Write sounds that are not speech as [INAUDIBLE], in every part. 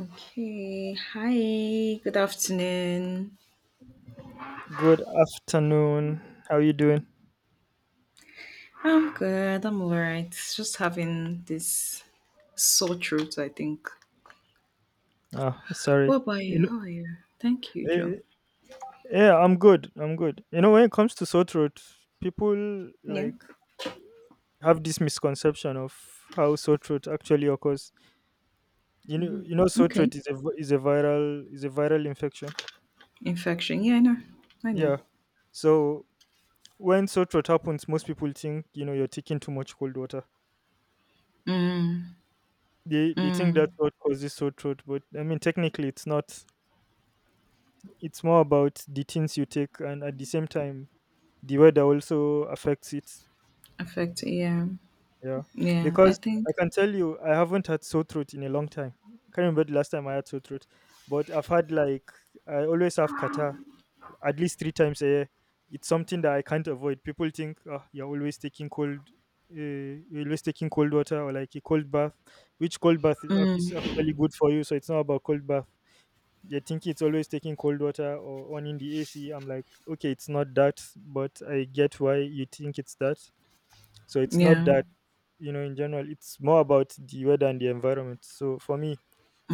Okay, hi, good afternoon. Good afternoon. How are you doing? I'm good, I'm all right. Just having this sore throat, I think. Oh, sorry. What about you? How are you? Thank you, Joe. eh, yeah, I'm good. I'm good. When it comes to sore throat, people Yeah. like have this misconception of how sore throat actually occurs. Sore Okay. throat is a vi- is a viral infection. Infection. Yeah, I know. I know. Yeah. So when sore throat happens, most people think you're taking too much cold water. Mm, They think mm, that's what causes sore throat, but I mean technically it's not. It's more about the things you take, and at the same time the weather also affects it. affect, yeah. Yeah, Yeah, I because I think. can tell you, I haven't had sore throat in a long time. I can't remember the last time I had sore throat, but I've had like I always have kata at least 3 times a year. It's something that I can't avoid. People think, oh, you're always taking cold water or like a cold bath, which cold bath is Mm, actually good for you. So it's not about cold bath. They think it's always taking cold water or on in the AC. I'm like, okay, it's not that, but I get why you think it's that. So it's not yeah, that, in general, it's more about the weather and the environment. So for me,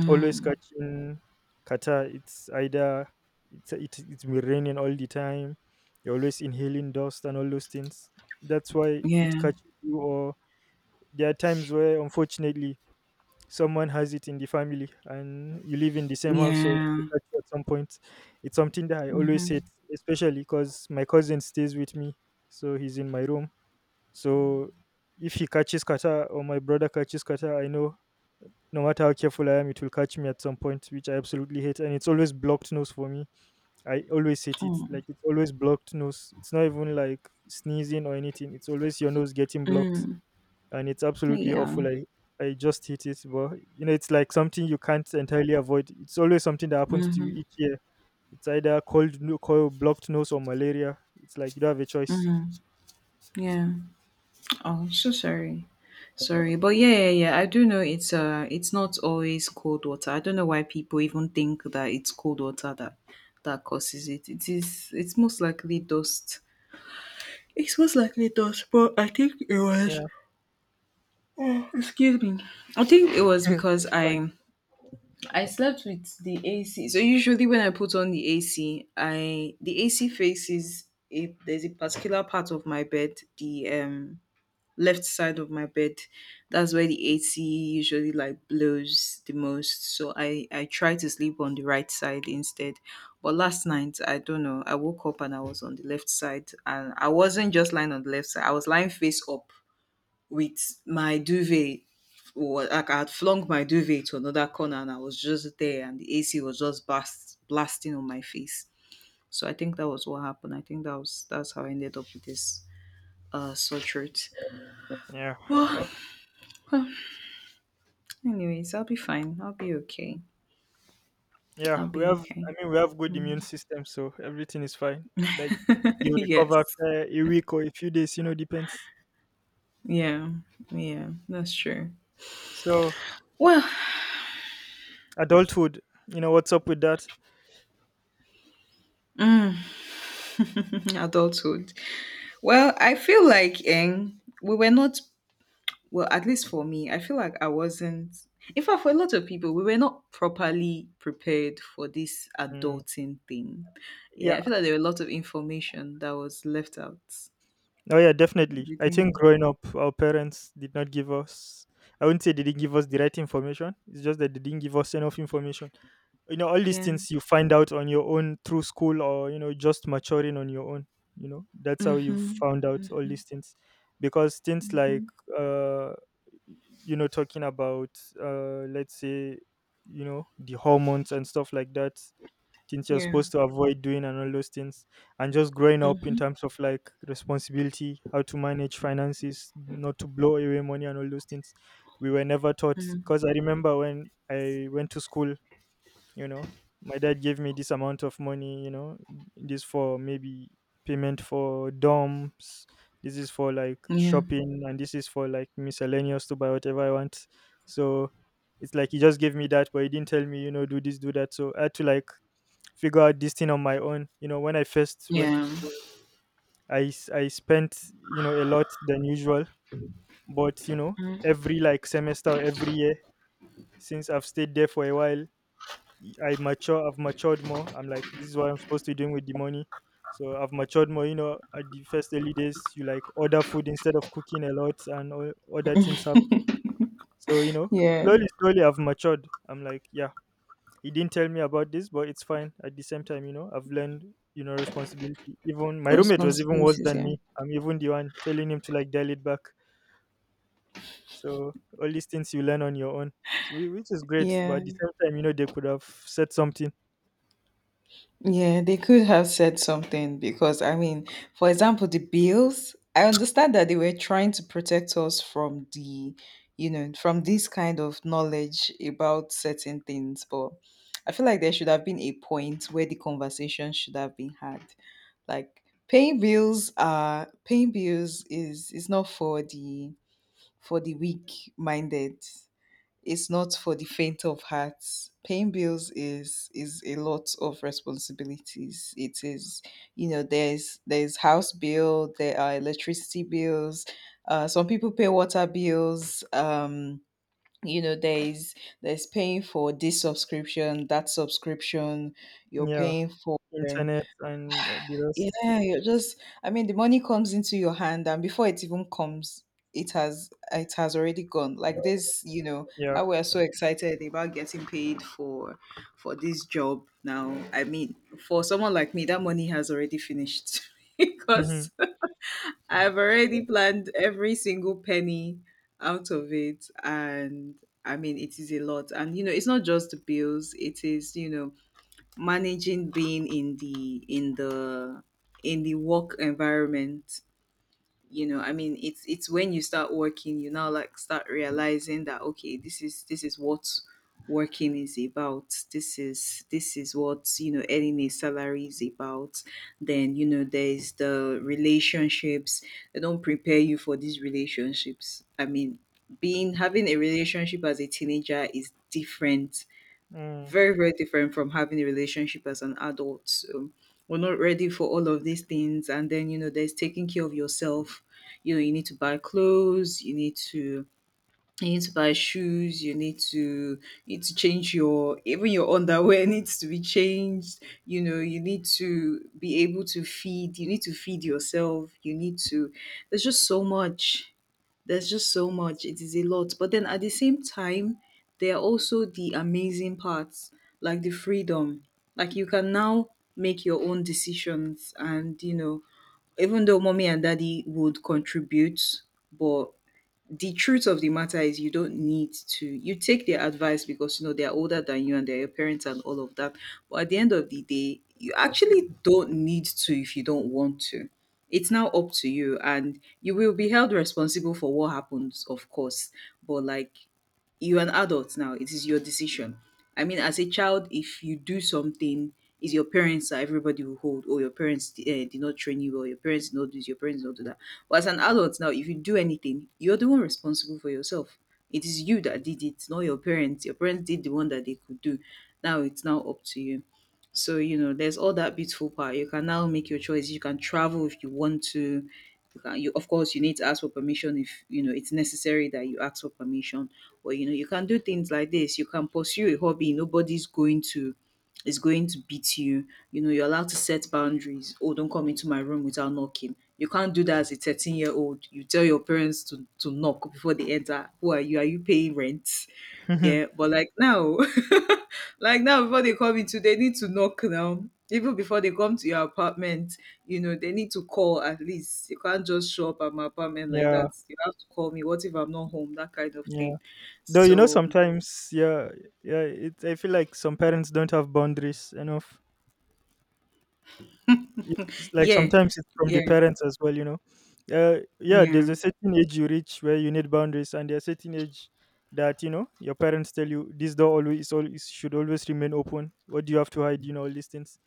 always catching Qatar, it's either it's it, it's been raining all the time. You're always inhaling dust and all those things. That's why it yeah, catches you. Or there are times where, unfortunately, someone has it in the family, and you live in the same house, so it yeah. will catch you at some point. It's something that I always hate, Mm-hmm. especially because my cousin stays with me, so he's in my room, so if he catches kata or my brother catches kata, I know no matter how careful I am, it will catch me at some point, which I absolutely hate. And it's always blocked nose for me. I always hate it. Oh, Like, it's always blocked nose. It's not even like sneezing or anything. It's always your nose getting blocked, mm, and it's absolutely yeah. awful. I just hate it, but it's like something you can't entirely avoid. It's always something that happens to you Mm-hmm. each year. It's either cold, no- cold blocked nose or malaria. It's like you don't have a choice. Yeah. Oh, I'm so sorry. Sorry. But yeah, yeah, yeah. I do know it's not always cold water. I don't know why people even think that it's cold water that causes it. It is it's most likely dust. Yeah, Excuse me. I think it was [LAUGHS] because it's fine. I slept with the AC. So usually when I put on the AC, I the AC faces a there's a particular part of my bed, the left side of my bed. That's where the AC usually like blows the most. So I try to sleep on the right side instead. But last night, I don't know, I woke up and I was on the left side, and I wasn't just lying on the left side. I was lying face up with my duvet like I had flung my duvet to another corner, and I was just there, and the AC was just blasting on my face. So I think that was what happened. I think that's how I ended up with this sore throat. Yeah, Well, oh, anyways, I'll be fine. I'll be okay. yeah. I'll We be have, okay. I mean, we have good immune system, so everything is fine. Like, you [LAUGHS] recover yes. after a week or a few days, depends. Yeah. Yeah. That's true. So Well, adulthood, what's up with that? [LAUGHS] adulthood. Well, I feel like we were not, well, at least for me, I feel like I wasn't. In fact, for a lot of people, we were not properly prepared for this Mm, adulting thing. Yeah, yeah. I feel like there were a lot of information that was left out. Oh yeah, definitely. I think Everything. growing up, our parents did not give us. I wouldn't say they didn't give us the right information. It's just that they didn't give us enough information. All these Yeah. things you find out on your own through school, or just maturing on your own. That's how you Mm-hmm. found out all these things, because things like, Mm-hmm. uh, talking about, let's say, the hormones and stuff like that, things you're Yeah. supposed to avoid doing and all those things, and just growing up in Mm-hmm. terms of like responsibility, how to manage finances, not to blow away money, and all those things we were never taught. Mm-hmm. Because I remember when I went to school, you know my dad gave me this amount of money. This for maybe payment for dorms, this is for like Yeah. shopping, and this is for like miscellaneous to buy whatever I want. So it's like he just gave me that, but he didn't tell me, do this, do that. So I had to like figure out this thing on my own, when I first went to Yeah. school, I spent, a lot than usual. But every like semester or every year, since I've stayed there for a while, I mature. I've matured more. I'm like, this is what I'm supposed to be doing with the money. So I've matured more. At the first early days, you like order food instead of cooking a lot, and all other things happen. So Yeah. slowly, slowly, I've matured. I'm like, yeah, he didn't tell me about this, but it's fine. At the same time, I've learned, responsibility. Even my roommate was even worse Responsibilities, than yeah. me. I'm even the one telling him to like dial it back. So all these things you learn on your own, so, which is great. But Yeah, at the same time, they could have said something. yeah, they could have said something because, I mean, for example, the bills, I understand that they were trying to protect us from from this kind of knowledge about certain things, but I feel like there should have been a point where the conversation should have been had. Like paying bills is not for the weak minded. It's not for the faint of heart. Paying bills is a lot of responsibilities. It is, there's house bill, there are electricity bills. Some people pay water bills. You know, there's there's paying for this subscription, that subscription. You're Yeah. paying for, Internet and the rest. yeah, you're just, I mean, the money comes into your hand, and before it even comes, it has already gone. Like this, you know Yeah. how we're so excited about getting paid for this job now. I mean, for someone like me, that money has already finished [LAUGHS] because [LAUGHS] I've already planned every single penny out of it, and I mean it is a lot. And you know, it's not just the bills, it is, managing, being in the work environment. You know, I mean it's when you start working, you now like start realizing that, okay, this is what working is about. This is what earning a salary is about. Then, you know, there's the relationships. They don't prepare you for these relationships. I mean, being having a relationship as a teenager is different, Mm. very very different from having a relationship as an adult. So we're not ready for all of these things. And then, you know, there's taking care of yourself. You know, you need to buy clothes. You need to buy shoes. You need to change your even your underwear [LAUGHS] needs to be changed. You know, you need to be able to feed. You need to feed yourself. You need to. There's just so much. There's just so much. It is a lot. But then at the same time, there are also the amazing parts, like the freedom. Like you can now make your own decisions. And, you know, even though mommy and daddy would contribute, but the truth of the matter is you don't need to. You take their advice because you know they're older than you and they're your parents and all of that, but at the end of the day you actually don't need to if you don't want to. It's now up to you, and you will be held responsible for what happens, of course, but like, you're an adult now. It is your decision. I mean, as a child, if you do something, is your parents that everybody will hold, or your parents did not train you well, your parents did not do this, your parents did not do that. But as an adult now, if you do anything, you're the one responsible for yourself. It is you that did it, not your parents. Your parents did the one that they could do. Now it's now up to you. So, you know, there's all that beautiful part. You can now make your choice. You can travel if you want to. Of course, you need to ask for permission if, you know, it's necessary that you ask for permission. Or, you know, you can do things like this. You can pursue a hobby. Nobody's going to beat you. You know, you're allowed to set boundaries. Oh, don't come into my room without knocking. You can't do that as a 13-year-old. You tell your parents to knock before they enter. Who are you? Are you paying rent? Yeah. [LAUGHS] But like now, [LAUGHS] like now, before they come into, they need to knock now. Even before they come to your apartment, you know, they need to call at least. You can't just show up at my apartment like yeah. that. You have to call me. What if I'm not home? That kind of Yeah. thing. Though, So, sometimes, yeah, yeah, it, I feel like some parents don't have boundaries enough. It's like yeah, sometimes it's from the yeah, parents as well. Yeah, there's yeah, a certain age you reach where you need boundaries, and there's a certain age that, your parents tell you, this door always should always remain open. What do you have to hide, all these things.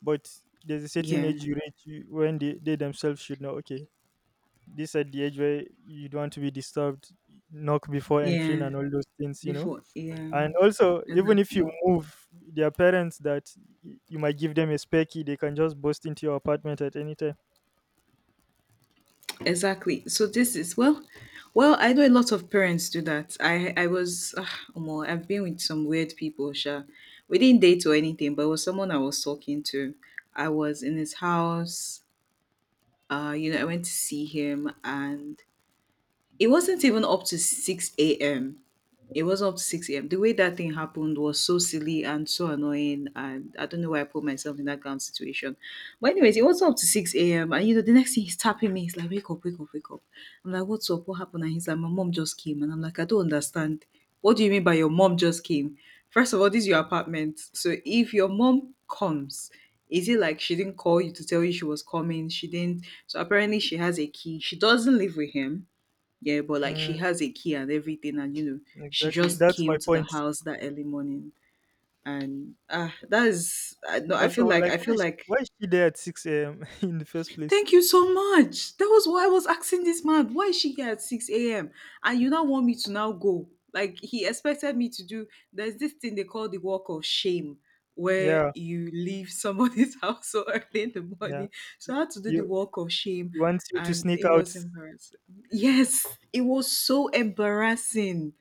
But there's a certain yeah, age you reach, when they themselves should know, okay, this at the age where you don't want to be disturbed, knock before entering, yeah. and all those things. Before, yeah, And also, even if you exactly. move, their parents that you might give them a spare key, they can just burst into your apartment at any time. Exactly. So this is well, well, I know a lot of parents do that. I was more. I've been with some weird people, sure. We didn't date or anything, but it was someone I was talking to. I was in his house. I went to see him, and it wasn't even up to 6 a.m. It wasn't up to 6 a.m. The way that thing happened was so silly and so annoying. And I don't know why I put myself in that kind of situation. But anyways, it wasn't up to 6 a.m. And, you know, the next thing he's tapping me, he's like, wake up, wake up, wake up. I'm like, what's up? What happened? And he's like, my mom just came. And I'm like, I don't understand. What do you mean by your mom just came? First of all, this is your apartment. So if your mom comes, is it like she didn't call you to tell you she was coming? She didn't. So apparently she has a key. She doesn't live with him. Yeah, but like Mm, she has a key and everything, and you know, she exactly, just that's my came to the point. house that early morning, and that is I no, I Also, feel like like, why is why is she there at 6 a.m. [LAUGHS] in the first place? thank you so much. That was why I was asking this man, why is she here at six a.m., and you now want me to now go. Like he expected me to do. There's this thing they call the walk of shame, where Yeah, you leave somebody's [LAUGHS] house so early in the yeah. morning. So I had to do the You walk of shame, he wants you to and sneak it out. was embarrassing. Yes, it was so embarrassing.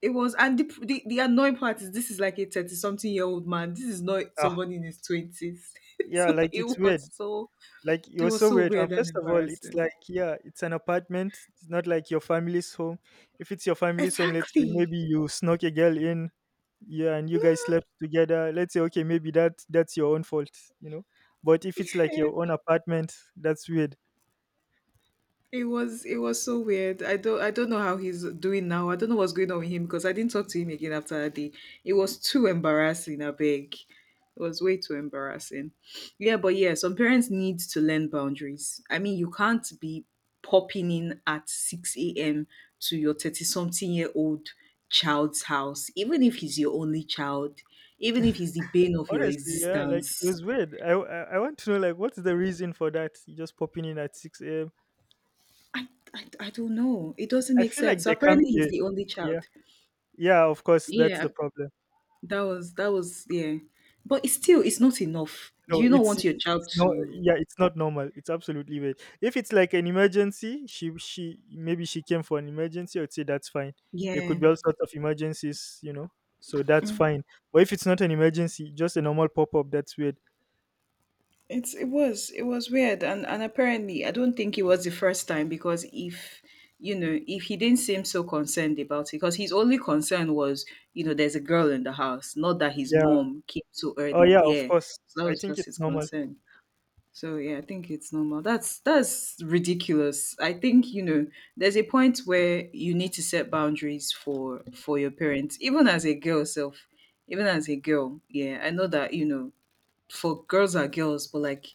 It was, and the annoying part is this is like a 30 something year old man. This is not Ah, somebody in his twenties. [LAUGHS] yeah, So like, it's weird. Like, it you're was so so weird. And weird and first of all, it's embarrassing. like, yeah, it's an apartment. It's not like your family's home. If it's your family's home, let's say maybe Exactly. you snuck a girl in, yeah, and you guys slept together. Let's say okay, maybe that's your own fault, you know. But if it's like your own [LAUGHS] apartment, that's weird. It was so weird. I don't know how he's doing now. I don't know what's going on with him because I didn't talk to him again after that day. It was too embarrassing, I beg. It was way too embarrassing. Yeah, but yeah, some parents need to learn boundaries. I mean, you can't be popping in at 6 a.m. to your 30 something year old child's house, even if he's your only child, even if he's the bane of your Honestly, yeah, like, it existence. was weird. I want to know, like, what's the reason for that? You just popping in at 6 a.m. I, I don't know. It doesn't I make feel like sense. So there can apparently be, he's a, the only yeah, child. yeah. Of course, that's Yeah, the problem. that was yeah. But it's still, it's not enough. Do No, you not it's want it's your it's child not. to, Yeah, it's not normal. It's absolutely weird. If it's like an emergency, she maybe she came for an emergency. I'd say that's fine. There could yeah. be all sorts of emergencies. So that's fine. But if it's not an emergency, just a normal pop up, that's weird. It was weird, and apparently I don't think it was the first time because if you know, if he didn't seem so concerned about it, because his only concern was there's a girl in the house, not that his Yeah. mom came so Oh early. yeah. Of Yeah. course. So that I was think just it's his normal. concern. So, yeah, I think it's normal. That's ridiculous. I think there's a point where you need to set boundaries for your parents, even as a girl self, even as a girl. Yeah, I know that for girls are girls, but like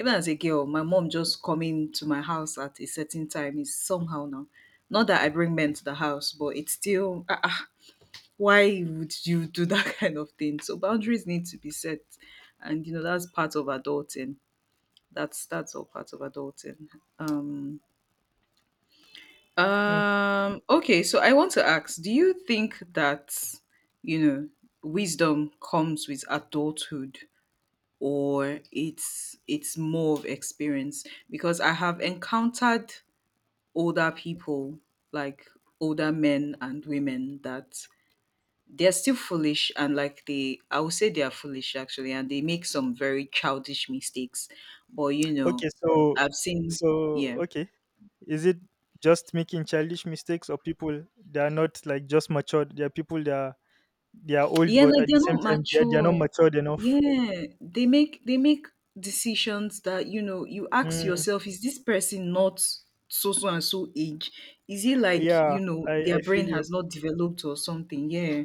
even as a girl, my mom just coming to my house at a certain time is somehow now. Not that I bring men to the house, but it's still why would you do that [LAUGHS] kind of thing? So boundaries need to be set, and that's part of adulting, that's all part of adulting. um Hmm. um okay so I want to ask, do you think that you know wisdom comes with adulthood, or it's more of experience, because I have encountered older people, like older men and women, that they're still foolish, and like they I would say they are foolish actually, and they make some very childish mistakes, but you Okay, know so I've seen, so yeah. okay. Is it just making childish mistakes or people they are not like just matured? They are people, they are old, Yeah, but like at the they're same not time, they are not mature. matured enough. Yeah, they make decisions that you ask Mm, yourself: is this person not so so and so age? Is it like yeah, you know I, their I feel brain you. has not developed or something? Yeah,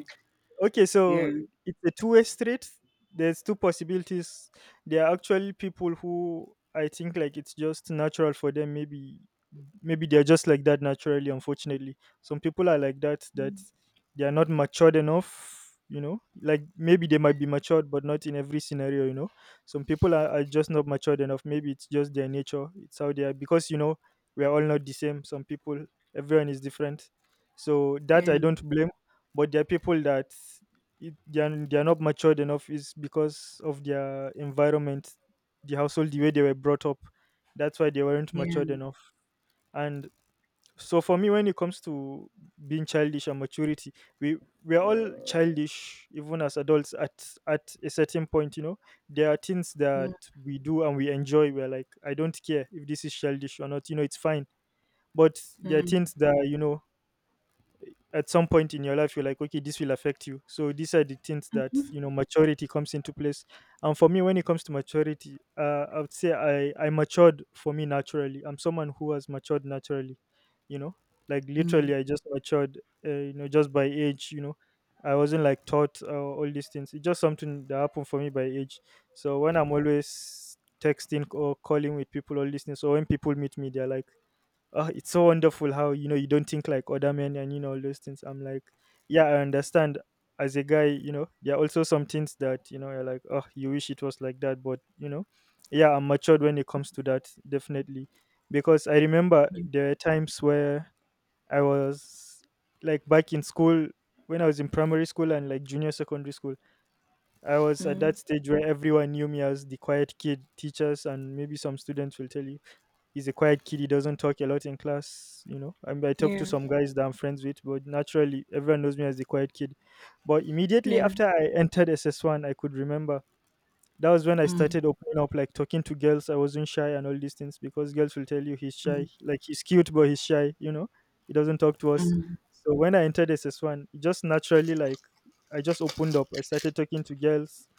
Okay, so yeah, it's a two-way street. There's two possibilities. There are actually people who I think like, it's just natural for them. Maybe they're just like that naturally. Unfortunately, some people are like that, that they are not matured enough. Like, maybe they might be matured, but not in every scenario. Some people are just not matured enough. Maybe it's just their nature. It's how they are, because we are all not the same. Some people, everyone is different. So that I yeah, don't blame, but there are people that, they are not matured enough, is because of their environment, the household, the way they were brought up. That's why they weren't matured enough. And so for me, when it comes to being childish and maturity, we we are all childish even as adults at a certain point. There are things yeah. that we do and we enjoy, we're like, I don't care if this is childish or not. It's fine. But there are Mm, things that, at some point in your life, you're like, okay, this will affect you, so these are the things that, maturity comes into place. And for me, when it comes to maturity, I would say, I matured. For me naturally, I'm someone who has matured naturally. you know like, literally, mm, I just matured, just by age. I wasn't like taught, all these things. It's just something that happened for me by age. So when I'm always texting or calling with people, all these things, or when people meet me, they're like, oh, it's so wonderful how, you don't think like other men, and all those things. I'm like, yeah, I understand. As a guy, you know, there are also some things that you know you're like, oh, you wish it was like that, but you know, yeah, I'm matured when it comes to that, definitely, because I remember there are times where I was like back in school when I was in primary school and like junior secondary school. I was at mm, that stage where everyone knew me as the quiet kid. Teachers and maybe some students will tell you he's a quiet kid. He doesn't talk a lot in class. You know, I mean, I talk to yeah, some guys that I'm friends with, but naturally, everyone knows me as the quiet kid. But mm, immediately yeah, yeah, after I entered SS1, I could remember that was when I mm, started opening up, like talking to girls. I wasn't shy and all these things because girls will tell you he's shy, like he's cute but he's shy. You know, he doesn't talk to us. mm, So when I entered S S one, it just naturally, like, I just opened up. I started talking to girls,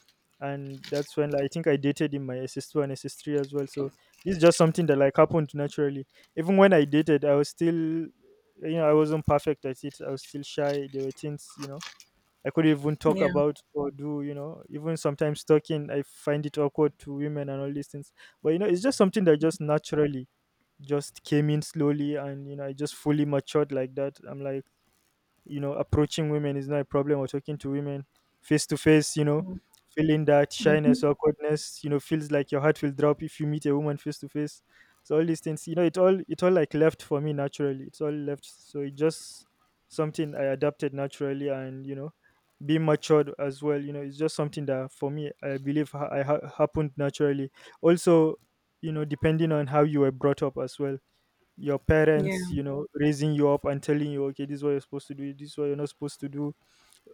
and that's when, like, I think I dated in my S S 2 and S S 3 as well. So this is just something that like happened naturally. Even when I dated, I was still, you know, I wasn't perfect at it. I was still shy. There were things, you know, I could even talk yeah, about or do, you know. Even sometimes talking, I find it awkward to women and all these things. But, you know, it's just something that just naturally just came in slowly, and, you know, I just fully matured like that. I'm like, you know, approaching women is not a problem, or talking to women face to face, you know, feeling that shyness, mhm, awkwardness, you know, feels like your heart will drop if you meet a woman face to face. So all these things, you know, it all, like, left for me naturally. It's all left. So it just something I adapted naturally, and, you know, being matured as well, you know, it's just something that for me I believe happened naturally. Also, you know, depending on how you were brought up as well, your parents, yeah, you know, raising you up and telling you, okay, this is what you're supposed to do, this is what you're not supposed to do.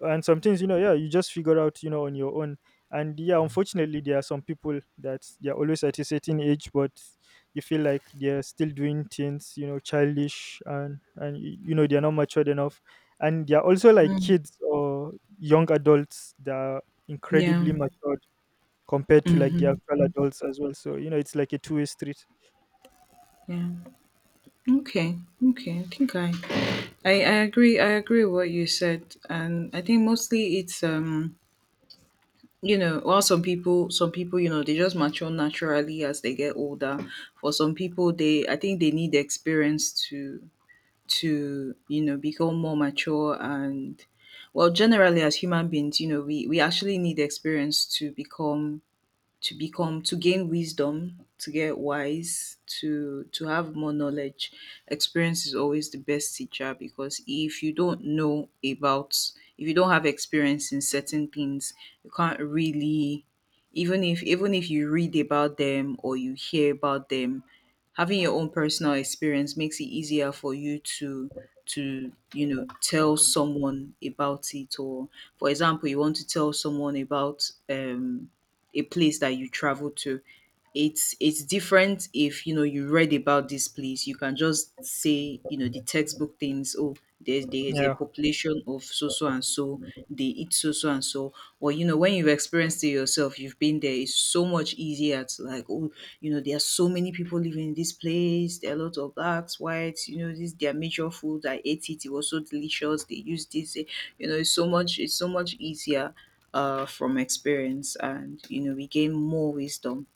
And some things, you know, yeah, you just figure out, you know, on your own. And yeah, unfortunately, there are some people that they're always at a certain age, but you feel like they're still doing things, you know, childish, and, you know, they're not matured enough. And they're also like kids or young adults that are incredibly yeah, matured compared to like the mhm, actual adults as well. So, you know, it's like a two-way street. yeah. Okay, okay. I think I agree. I agree with what you said, and I think mostly it's, well, some people, they just mature naturally as they get older. For some people, they I think they need experience to become more mature, and well, generally, as human beings, we actually need experience to become to become to gain wisdom, to get wise, to have more knowledge. Experience is always the best teacher, because if you don't have experience in certain things, you can't really, even if you read about them or you hear about them, having your own personal experience makes it easier for you to tell someone about it, or, for example, you want to tell someone about a place that you travel to. It's different if you read about this place. You can just say the textbook things: oh, there's a Yeah. population of so so and so, they eat so so and so. Or when you've experienced it yourself, you've been there, it's so much easier to, like, oh, there are so many people living in this place, there are a lot of blacks, whites, this their major food. I ate it, it was so delicious, they use this, it's so much easier, from experience, and we gain more wisdom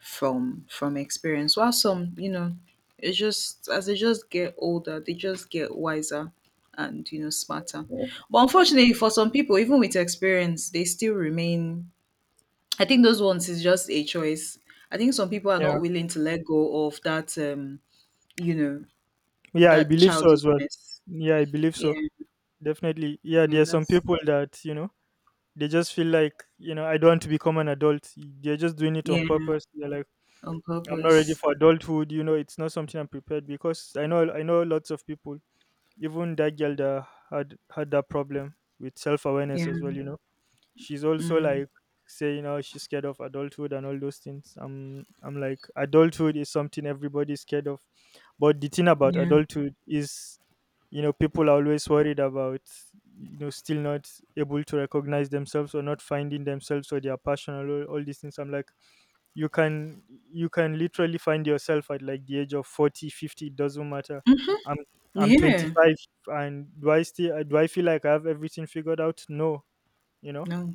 from experience. While some, it's just as they just get older, they just get wiser and smarter. But unfortunately, for some people, even with experience, they still remain. I think those ones is just a choice. I think some people are Yeah. not willing to let go of you know, Yeah, I that believe so as well. childishness. Yeah, I believe so. Yeah, Definitely. Yeah, yeah, there are some that's, people that, you know, they just feel like, you know, I don't want to become an adult. They're just doing it on yeah, purpose. They're like, on I'm not ready purpose. for adulthood, you know. It's not something I'm prepared because I know lots of people, even that girl that had had that problem with self awareness Yeah, as well, you know, she's also mm, like saying how she's scared of adulthood and all those things. I'm like, adulthood is something everybody's scared of. But the thing about yeah, adulthood is, you know, people are always worried about, you know, still not able to recognize themselves or not finding themselves or their passion or all these things. I'm like, you can literally find yourself at like the age of 40, 50, it doesn't matter. I'm i'm yeah. 25, and do I feel like I have everything figured out? No, you know. No.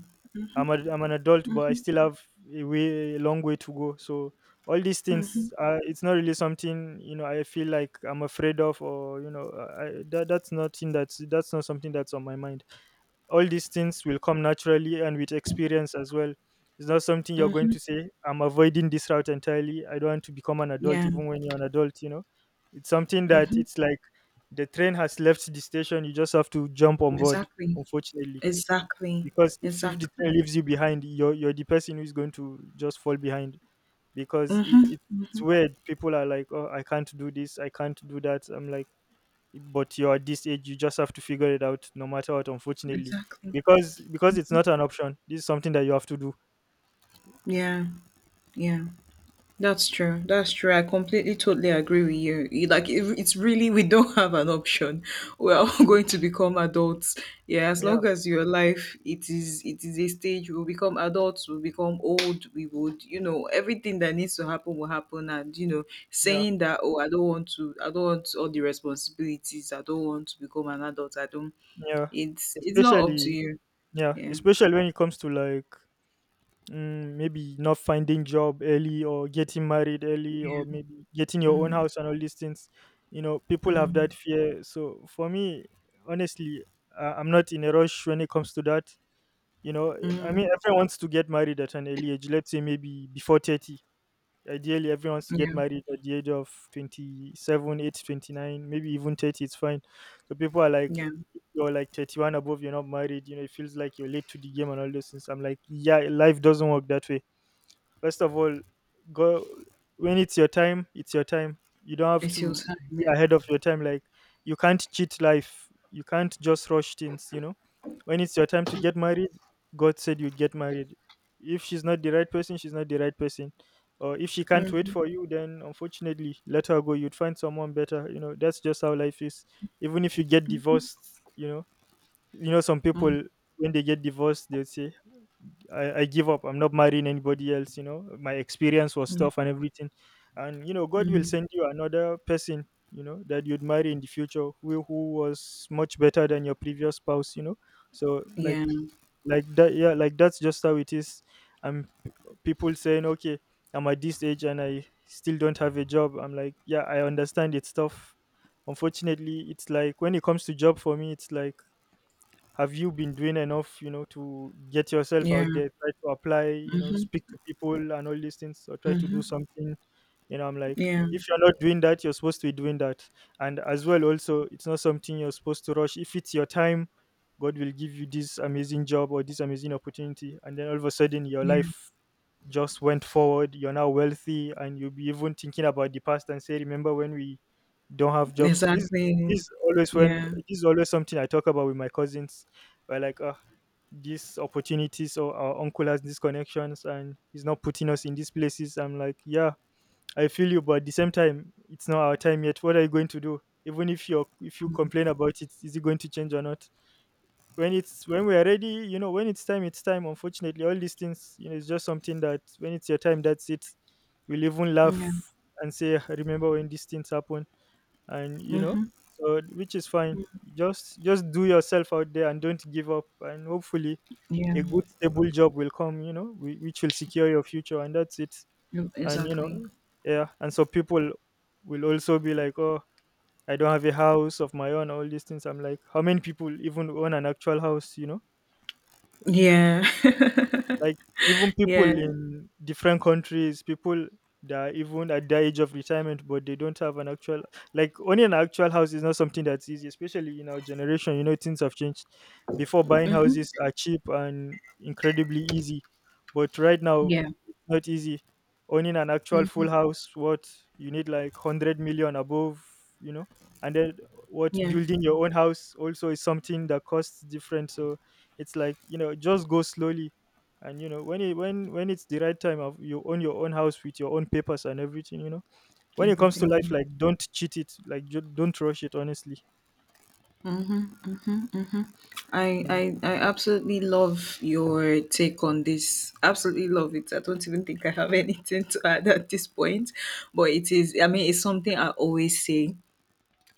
I'm an adult, but I still have a long way to go. So all these things, Mhm. It's not really something, you know, I feel like I'm afraid of, or you know, that that's nothing, that's not something that's on my mind. All these things will come naturally and with experience as well. It's not something you're going to Mhm. say, I'm avoiding this route entirely. I don't want to become an adult, Yeah. even when you're an adult. You know, it's something that, Mhm. it's like the train has left the station. You just have to jump on board. Exactly. Unfortunately, Exactly. because if the train Exactly. leaves you behind, you're the person who's going to just fall behind because it, Mhm. it, it's weird. People are like, oh, I can't do this, I can't do that. I'm like, but you're at this age, you just have to figure it out no matter what, unfortunately, Exactly. because it's not an option. This is something that you have to do. Yeah. Yeah. That's true. That's true. I completely, totally agree with you. Like, it's really, we don't have an option. We are all [LAUGHS] going to become adults. Yeah, as Yeah, long as your life, it is a stage. We'll become adults. We'll become old. We would, you know, everything that needs to happen will happen. And you know, yeah, saying that, oh, I don't want all the responsibilities. I don't want to become an adult. I don't. yeah, It's not up to especially you. yeah, Yeah. especially when it comes to like, maybe not finding job early, or getting married early, or Yeah. maybe getting your own house and all these things, you know, people have that Mm, fear. So for me, honestly, I'm not in a rush when it comes to that, you know. I mean, mm, everyone wants to get married at an early age, let's say maybe before 30. Ideally, everyone wants to get yeah. married at the age of 27, 8, 29, maybe even 30, it's fine. So people are like, Yeah. if you're like 31 above, you're not married, you know, it feels like you're late to the game and all those things. I'm like, yeah, life doesn't work that way. First of all, go when it's your time, it's your time. You don't have It's your to time. be Yeah. ahead of your time. Like, you can't cheat life. You can't just rush things, you know. When it's your time to get married, God said you'd get married. If she's not the right person, she's not the right person. Or if she can't wait for you, then unfortunately, let her go. You'd find someone better. You know, that's just how life is. Even if you get divorced, you know, some Mm, people, when they get divorced, they'll say, I give up. I'm not marrying anybody else, you know. My experience was tough and everything. And you know, God will send you another person, you know, that you'd marry in the future, who was much better than your previous spouse, you know. So, like, yeah. That, yeah, like that's just how it is. And people saying, okay, I'm at this age and I still don't have a job. I'm like, yeah, I understand, it's tough. Unfortunately, it's like when it comes to job for me, it's like, have you been doing enough, you know, to get yourself Yeah. out there, try to apply, you know, speak to people and all these things, or try to do Mhm. something? You know, I'm like, Yeah. if you're not doing that, you're supposed to be doing that. And as well, also, it's not something you're supposed to rush. If it's your time, God will give you this amazing job or this amazing opportunity, and then all of a sudden your Yeah. life just went forward. You're now wealthy, and you'll be even thinking about the past and say, "Remember when we don't have jobs?" This Exactly. is always when Yeah. this is always something I talk about with my cousins. We're like, "Ah, these opportunities, or our uncle has these connections, and he's not putting us in these places." I'm like, "Yeah, I feel you, but at the same time, it's not our time yet. What are you going to do? Even if you complain about it, is it going to change or not?" When we're ready, you know, when it's time, it's time, unfortunately. All these things, you know, it's just something that when it's your time, that's it. We'll even Yeah. laugh and say, "Ah, remember when these things happen," and, you know, so which is fine. Just do yourself out there and don't give up, and hopefully Yeah. a good stable job will come, you know, which will secure your future, and that's it. Yep, And you know, exactly. yeah, and so people will also be like, oh, I don't have a house of my own, all these things. I'm like, how many people even own an actual house, you know? Yeah. Like, even [LAUGHS] people yeah. in different countries, people that are even at the age of retirement, but they don't have an actual, like, owning an actual house is not something that's easy, especially in our generation. You know, things have changed. Before, buying Mhm. houses are cheap and incredibly easy, but right now Yeah. it's not easy. Owning an actual full house, what you need like 100 million above, you know, and then, what, Yeah. building your own house also is something that costs different. So it's like, just go slowly, and when it when it's the right time of you own your own house with your own papers and everything, when it comes to life, Everything. like don't cheat it, like don't rush it honestly. I, Mm. I I absolutely love your take on this. Absolutely love it. I don't even think I have [LAUGHS] anything to add at this point, but it is. I mean, it's something I always say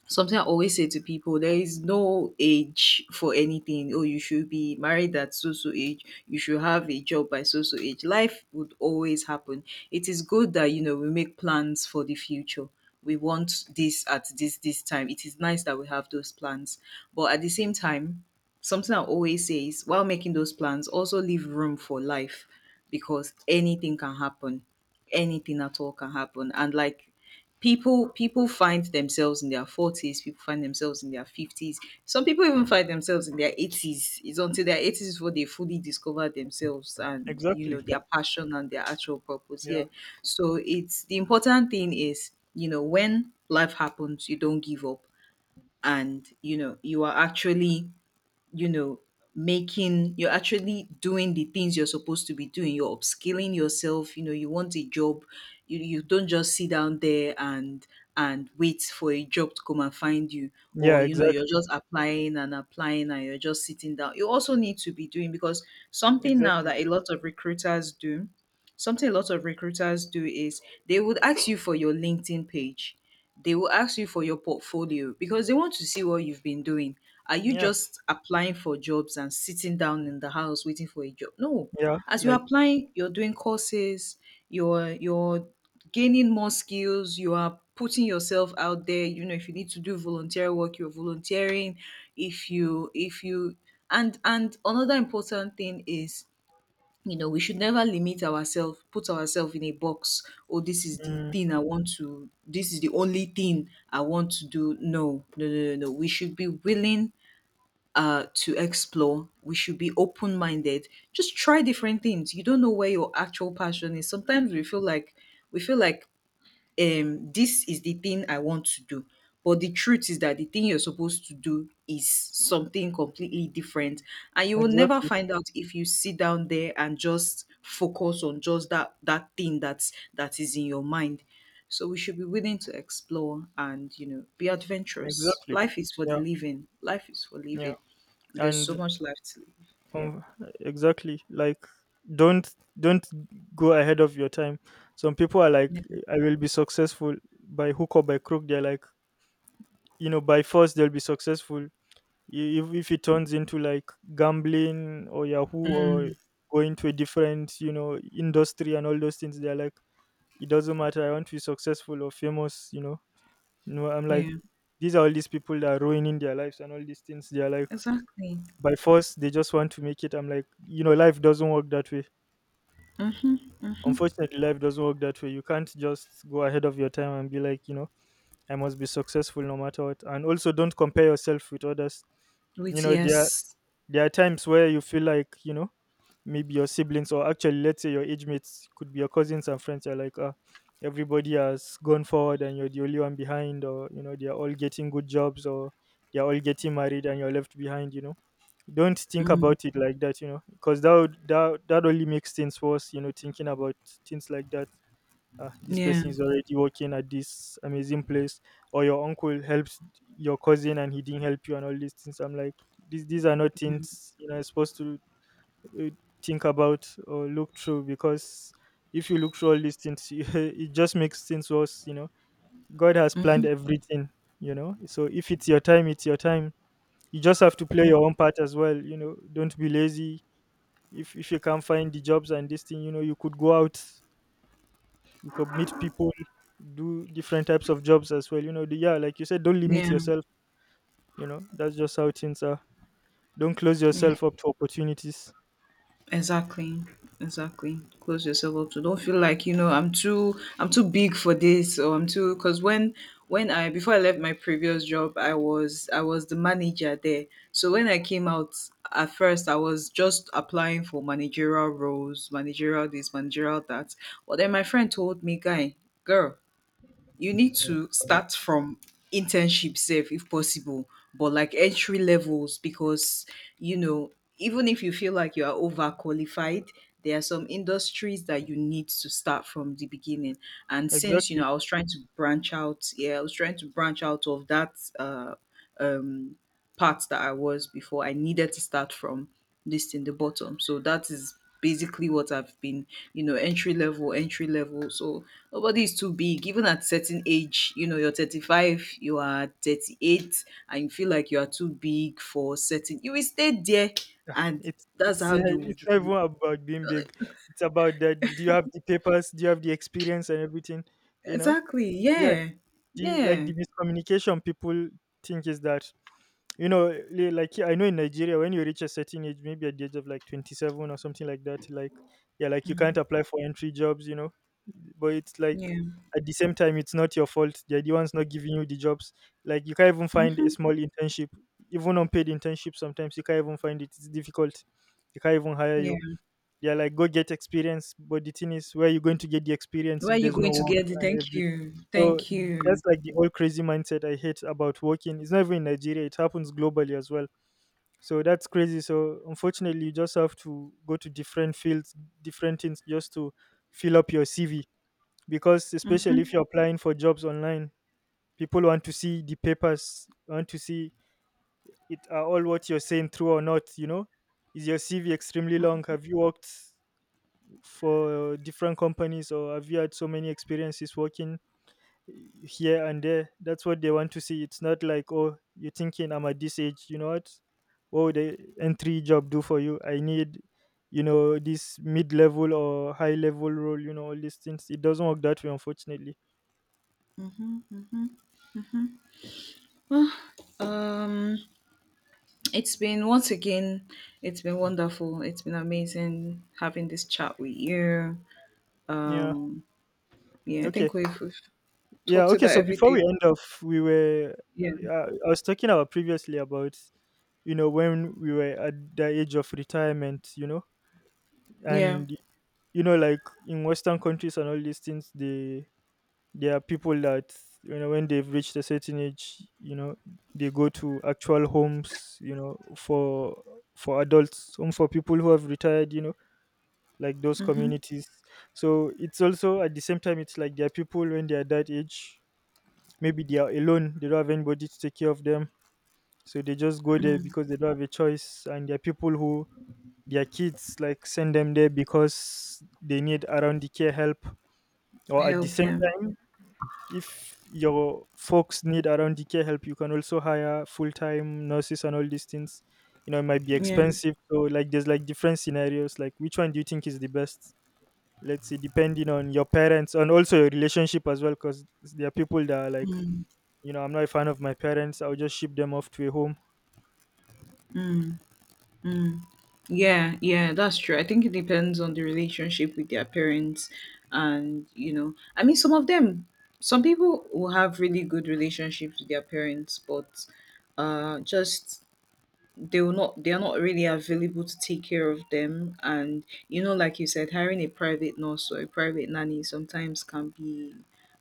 something I always say to people: there is no age for anything. Oh, you should be married at so so age, you should have a job by so so age. Life would always happen. It is good that we make plans for the future. We want this at this time. It is nice that we have those plans. But at the same time, something I always say is, while making those plans, also leave room for life, because anything can happen, anything at all can happen. And, like, people find themselves in their 40s, people find themselves in their 50s, some people even find themselves in their 80s. It's until their 80s before they fully discover themselves, and you Exactly. know their passion and their actual purpose. Yeah. Yeah. So, it's the important thing is, when life happens, you don't give up, and you know you're actually doing the things you're supposed to be doing. You're upskilling yourself. You want a job, you don't just sit down there and wait for a job to come and find you. Or Yeah. You're Exactly. just applying and applying, and you're just sitting down. You also need to be doing, because something now Exactly. that a lot of recruiters do something a lot of recruiters do is, they would ask you for your LinkedIn page, they will ask you for your portfolio, because they want to see what you've been doing. Are you Yeah. just applying for jobs and sitting down in the house waiting for a job? No. Yeah. As you're Like. applying, you're doing courses, you're gaining more skills, you are putting yourself out there. You know, if you need to do volunteer work, you're volunteering. If you and another important thing is, we should never limit ourselves, put ourselves in a box. Oh this is the Mm. thing I want to this is the only thing I want to do. No, no, no, no, no, we should be willing, to explore. We should be open minded. Just try different things. You don't know where your actual passion is. Sometimes we feel like, this is the thing I want to do. But the truth is that the thing you're supposed to do is something completely different. And you will never Exactly. find out if you sit down there and just focus on just that thing that is in your mind. So we should be willing to explore and be adventurous. Exactly. Life is for the Yeah. living. Life is for Yeah. living. There's so And much life to live. Yeah. um, exactly, like don't don't go ahead of your time. Some people are like, Yeah. I will be successful by hook or by crook. They're like, by force they'll be successful. If it turns into like gambling or yahoo or going to a different industry and all those things, they're like, it doesn't matter, I want to be successful or famous, you know. No, I'm like, Yeah. these are all these people that are ruining their lives and all these things. They're like, Exactly. by force they just want to make it. I'm like, you know, life doesn't work that way. Mm-hmm. Unfortunately, life doesn't work that way. You can't just go ahead of your time and be like, you know, I must be successful no matter what. And also, don't compare yourself with others. You With know there, yes. there are times where you feel like, you know, maybe your siblings, or actually let's say your age mates could be your cousins and friends, are like, ah, everybody has gone forward and you're the only one behind, or you know, they're all getting good jobs or they're all getting married and you're left behind, you know. Don't think Mm. about it like that, you know, because that would, that that only makes things worse, you know, thinking about things like that, ah, this Yeah. person is already working at this amazing place, or your uncle helps your cousin and he didn't help you, and all these things. I'm like, these are not Yeah. things you know supposed to uh, think about or look through, because if you look through all these things, [LAUGHS] it just makes things worse. You know, God has planned everything. You know, so if it's your time, it's your time. You just have to play Mm. your own part as well. You know, don't be lazy. If you can't find the jobs and this thing, you know, you could go out, you could meet people, do different types of jobs as well, yeah, like you said, don't limit Yeah. yourself. You know, that's just how things are. Don't close Yeah, yourself up to opportunities. exactly. Exactly. Close yourself up to, don't feel like, I'm too, I'm too big for this, or I'm too because when I before I left my previous job, I was the manager there. So when I came out, at first I was just applying for managerial roles, managerial this, managerial that. But then my friend told me, girl, you need to start from internship safe if possible, but like entry levels, because you know even if you feel like you are overqualified, there are some industries that you need to start from the beginning. And since Exactly. I was trying to branch out of that, uh, um part that I was before. I needed to start from this, in the bottom. So that is basically what I've been, entry level, entry level. So nobody is too big. Even at certain age, you're 35, you are 38, and you feel like you are too big for certain. You will stay there, and it's that's it's how yeah, you it's not even would. about being big, it's about that, do you have the papers, do you have the experience and everything, you know? Exactly. Yeah. Yeah. the like Yeah. the miscommunication people think is that like I know in Nigeria when you reach a certain age, maybe at the age of like 27 or something like that, like, yeah, like you can't apply for entry jobs, you know? But it's like, Yeah. at the same time, it's not your fault, they're the ones not giving you the jobs. Like you can't even find a small internship, even unpaid internship, sometimes you can't even find it, it's difficult, they can't even hire you. Yeah. They're like, go get experience. But the thing is, where are you going to get the experience Where are if you there's no going to work get it? and Thank everything? you. So Thank you. that's like the whole crazy mindset I hate about working. It's not even in Nigeria, it happens globally as well. So that's crazy. So unfortunately, you just have to go to different fields, different things just to fill up your CV. Because especially if you're applying for jobs online, people want to see the papers, want to see it, are all what you're saying true or not, you know? Is your CV extremely long? Have you worked for different companies or have you had so many experiences working here and there? That's what they want to see. It's not like, oh, you're thinking I'm at this age, you know, what would the entry job do for you, I need, you know, this mid-level or high level role, you know, all these things. It doesn't work that way, unfortunately. [SIGHS] Um. It's been, once again, it's been wonderful. It's been amazing having this chat with you. Yeah. Um, yeah, I Okay. think we've Yeah. talked Okay. about So before we everything. end off, we were Yeah, I was talking about previously about, when we were at the age of retirement, you know, yeah, and you know, like in western countries and all these things, they there are people that, you know, when they've reached a certain age, you know, they go to actual homes, you know, for adults home, for people who have retired, you know, like those communities. So it's also at the same time, it's like there are people when they are that age, maybe they are alone, they don't have anybody to take care of them, so they just go there because they don't have a choice. And there are people who, their kids like send them there because they need around the care help. Or at the help. same Yeah, time, if your folks need around the care help, you can also hire full time nurses and all these things. You know, it might be yeah, expensive. So like there's like different scenarios. Like which one do you think is the best? Let's say depending on your parents and also your relationship as well, because there are people that are like, you know, I'm not a fan of my parents, I'll just ship them off to a home. yeah, yeah. That's true. I think it depends on the relationship with their parents, and I mean, some people will have really good relationships with their parents, but just, they are not really available to take care of them. And like you said, hiring a private nurse or a private nanny sometimes can be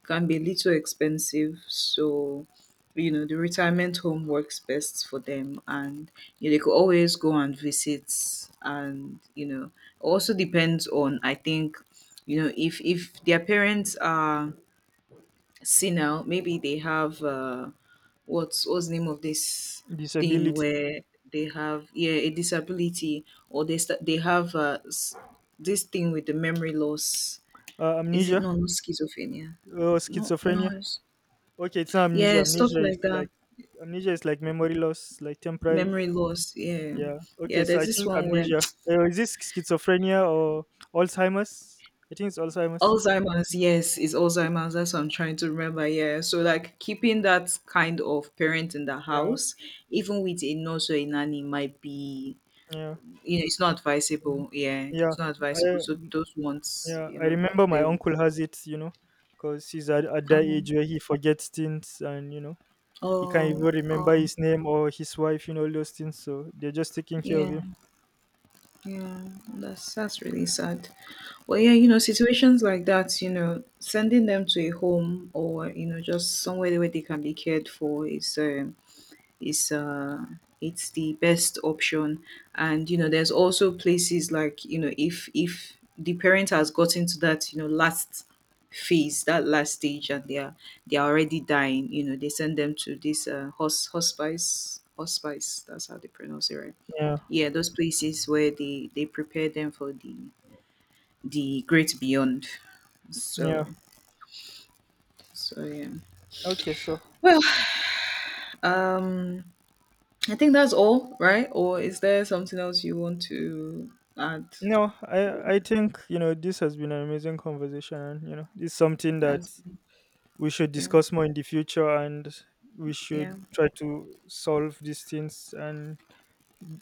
can be a little expensive. So the retirement home works best for them. And they could always go and visit. And you know, also depends on, I think, if their parents are senile, maybe they have what's the name of this thing Disability. where they have, yeah, a disability. Or they have, this thing with the memory loss. Is it, Amnesia. no, not schizophrenia. Or No, no, schizophrenia. Okay, it's not amnesia. yeah, stuff Amnesia is like that, like, memory loss, like temporary. memory loss, yeah. Yeah. Okay. Yeah, So there's I this think one where amnesia. [TSK] Is this schizophrenia or Alzheimer's? I think it's Alzheimer's. Alzheimer's, yes, is Alzheimer's. That's what I'm trying to remember. Yeah. So, like, keeping that kind of parent in the Yeah. house, even with a nurse or a nanny, might be Yeah. you know, it's not Mm. advisable. Yeah, Yeah. it's not advisable. I So those ones, Yeah. you I know, remember my they will- uncle has it. You know, because he's at that oh, age where he forgets things, and you know he can't even oh, oh, remember his name or his wife. You know, all those things. So they're just taking care of yeah, him. yeah. That's really sad. Well, yeah, situations like that, sending them to a home or just somewhere where they can be cared for is it's the best option. And there's also places like, if the parent has gotten to that last stage, and they are already dying. They send them to this hospice. That's how they pronounce it, right? Yeah. Yeah, those places where they prepare them for the great beyond. Yeah. So so yeah. Okay. So. Well, um I think that's all, right? Or is there something else you want to add? No, I think you know this has been an amazing conversation, and you know it's something that That's, we should yeah, discuss more in the future, and we should yeah, try to solve these things and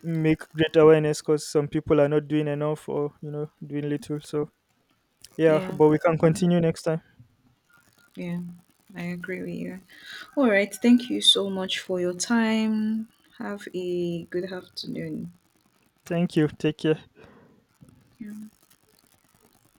make great awareness because some people are not doing enough or you know doing little. So yeah, yeah, but we can continue next time. yeah. I agree with you. All right. Thank you so much for your time. Have a good afternoon. Thank you. Take care. Yeah.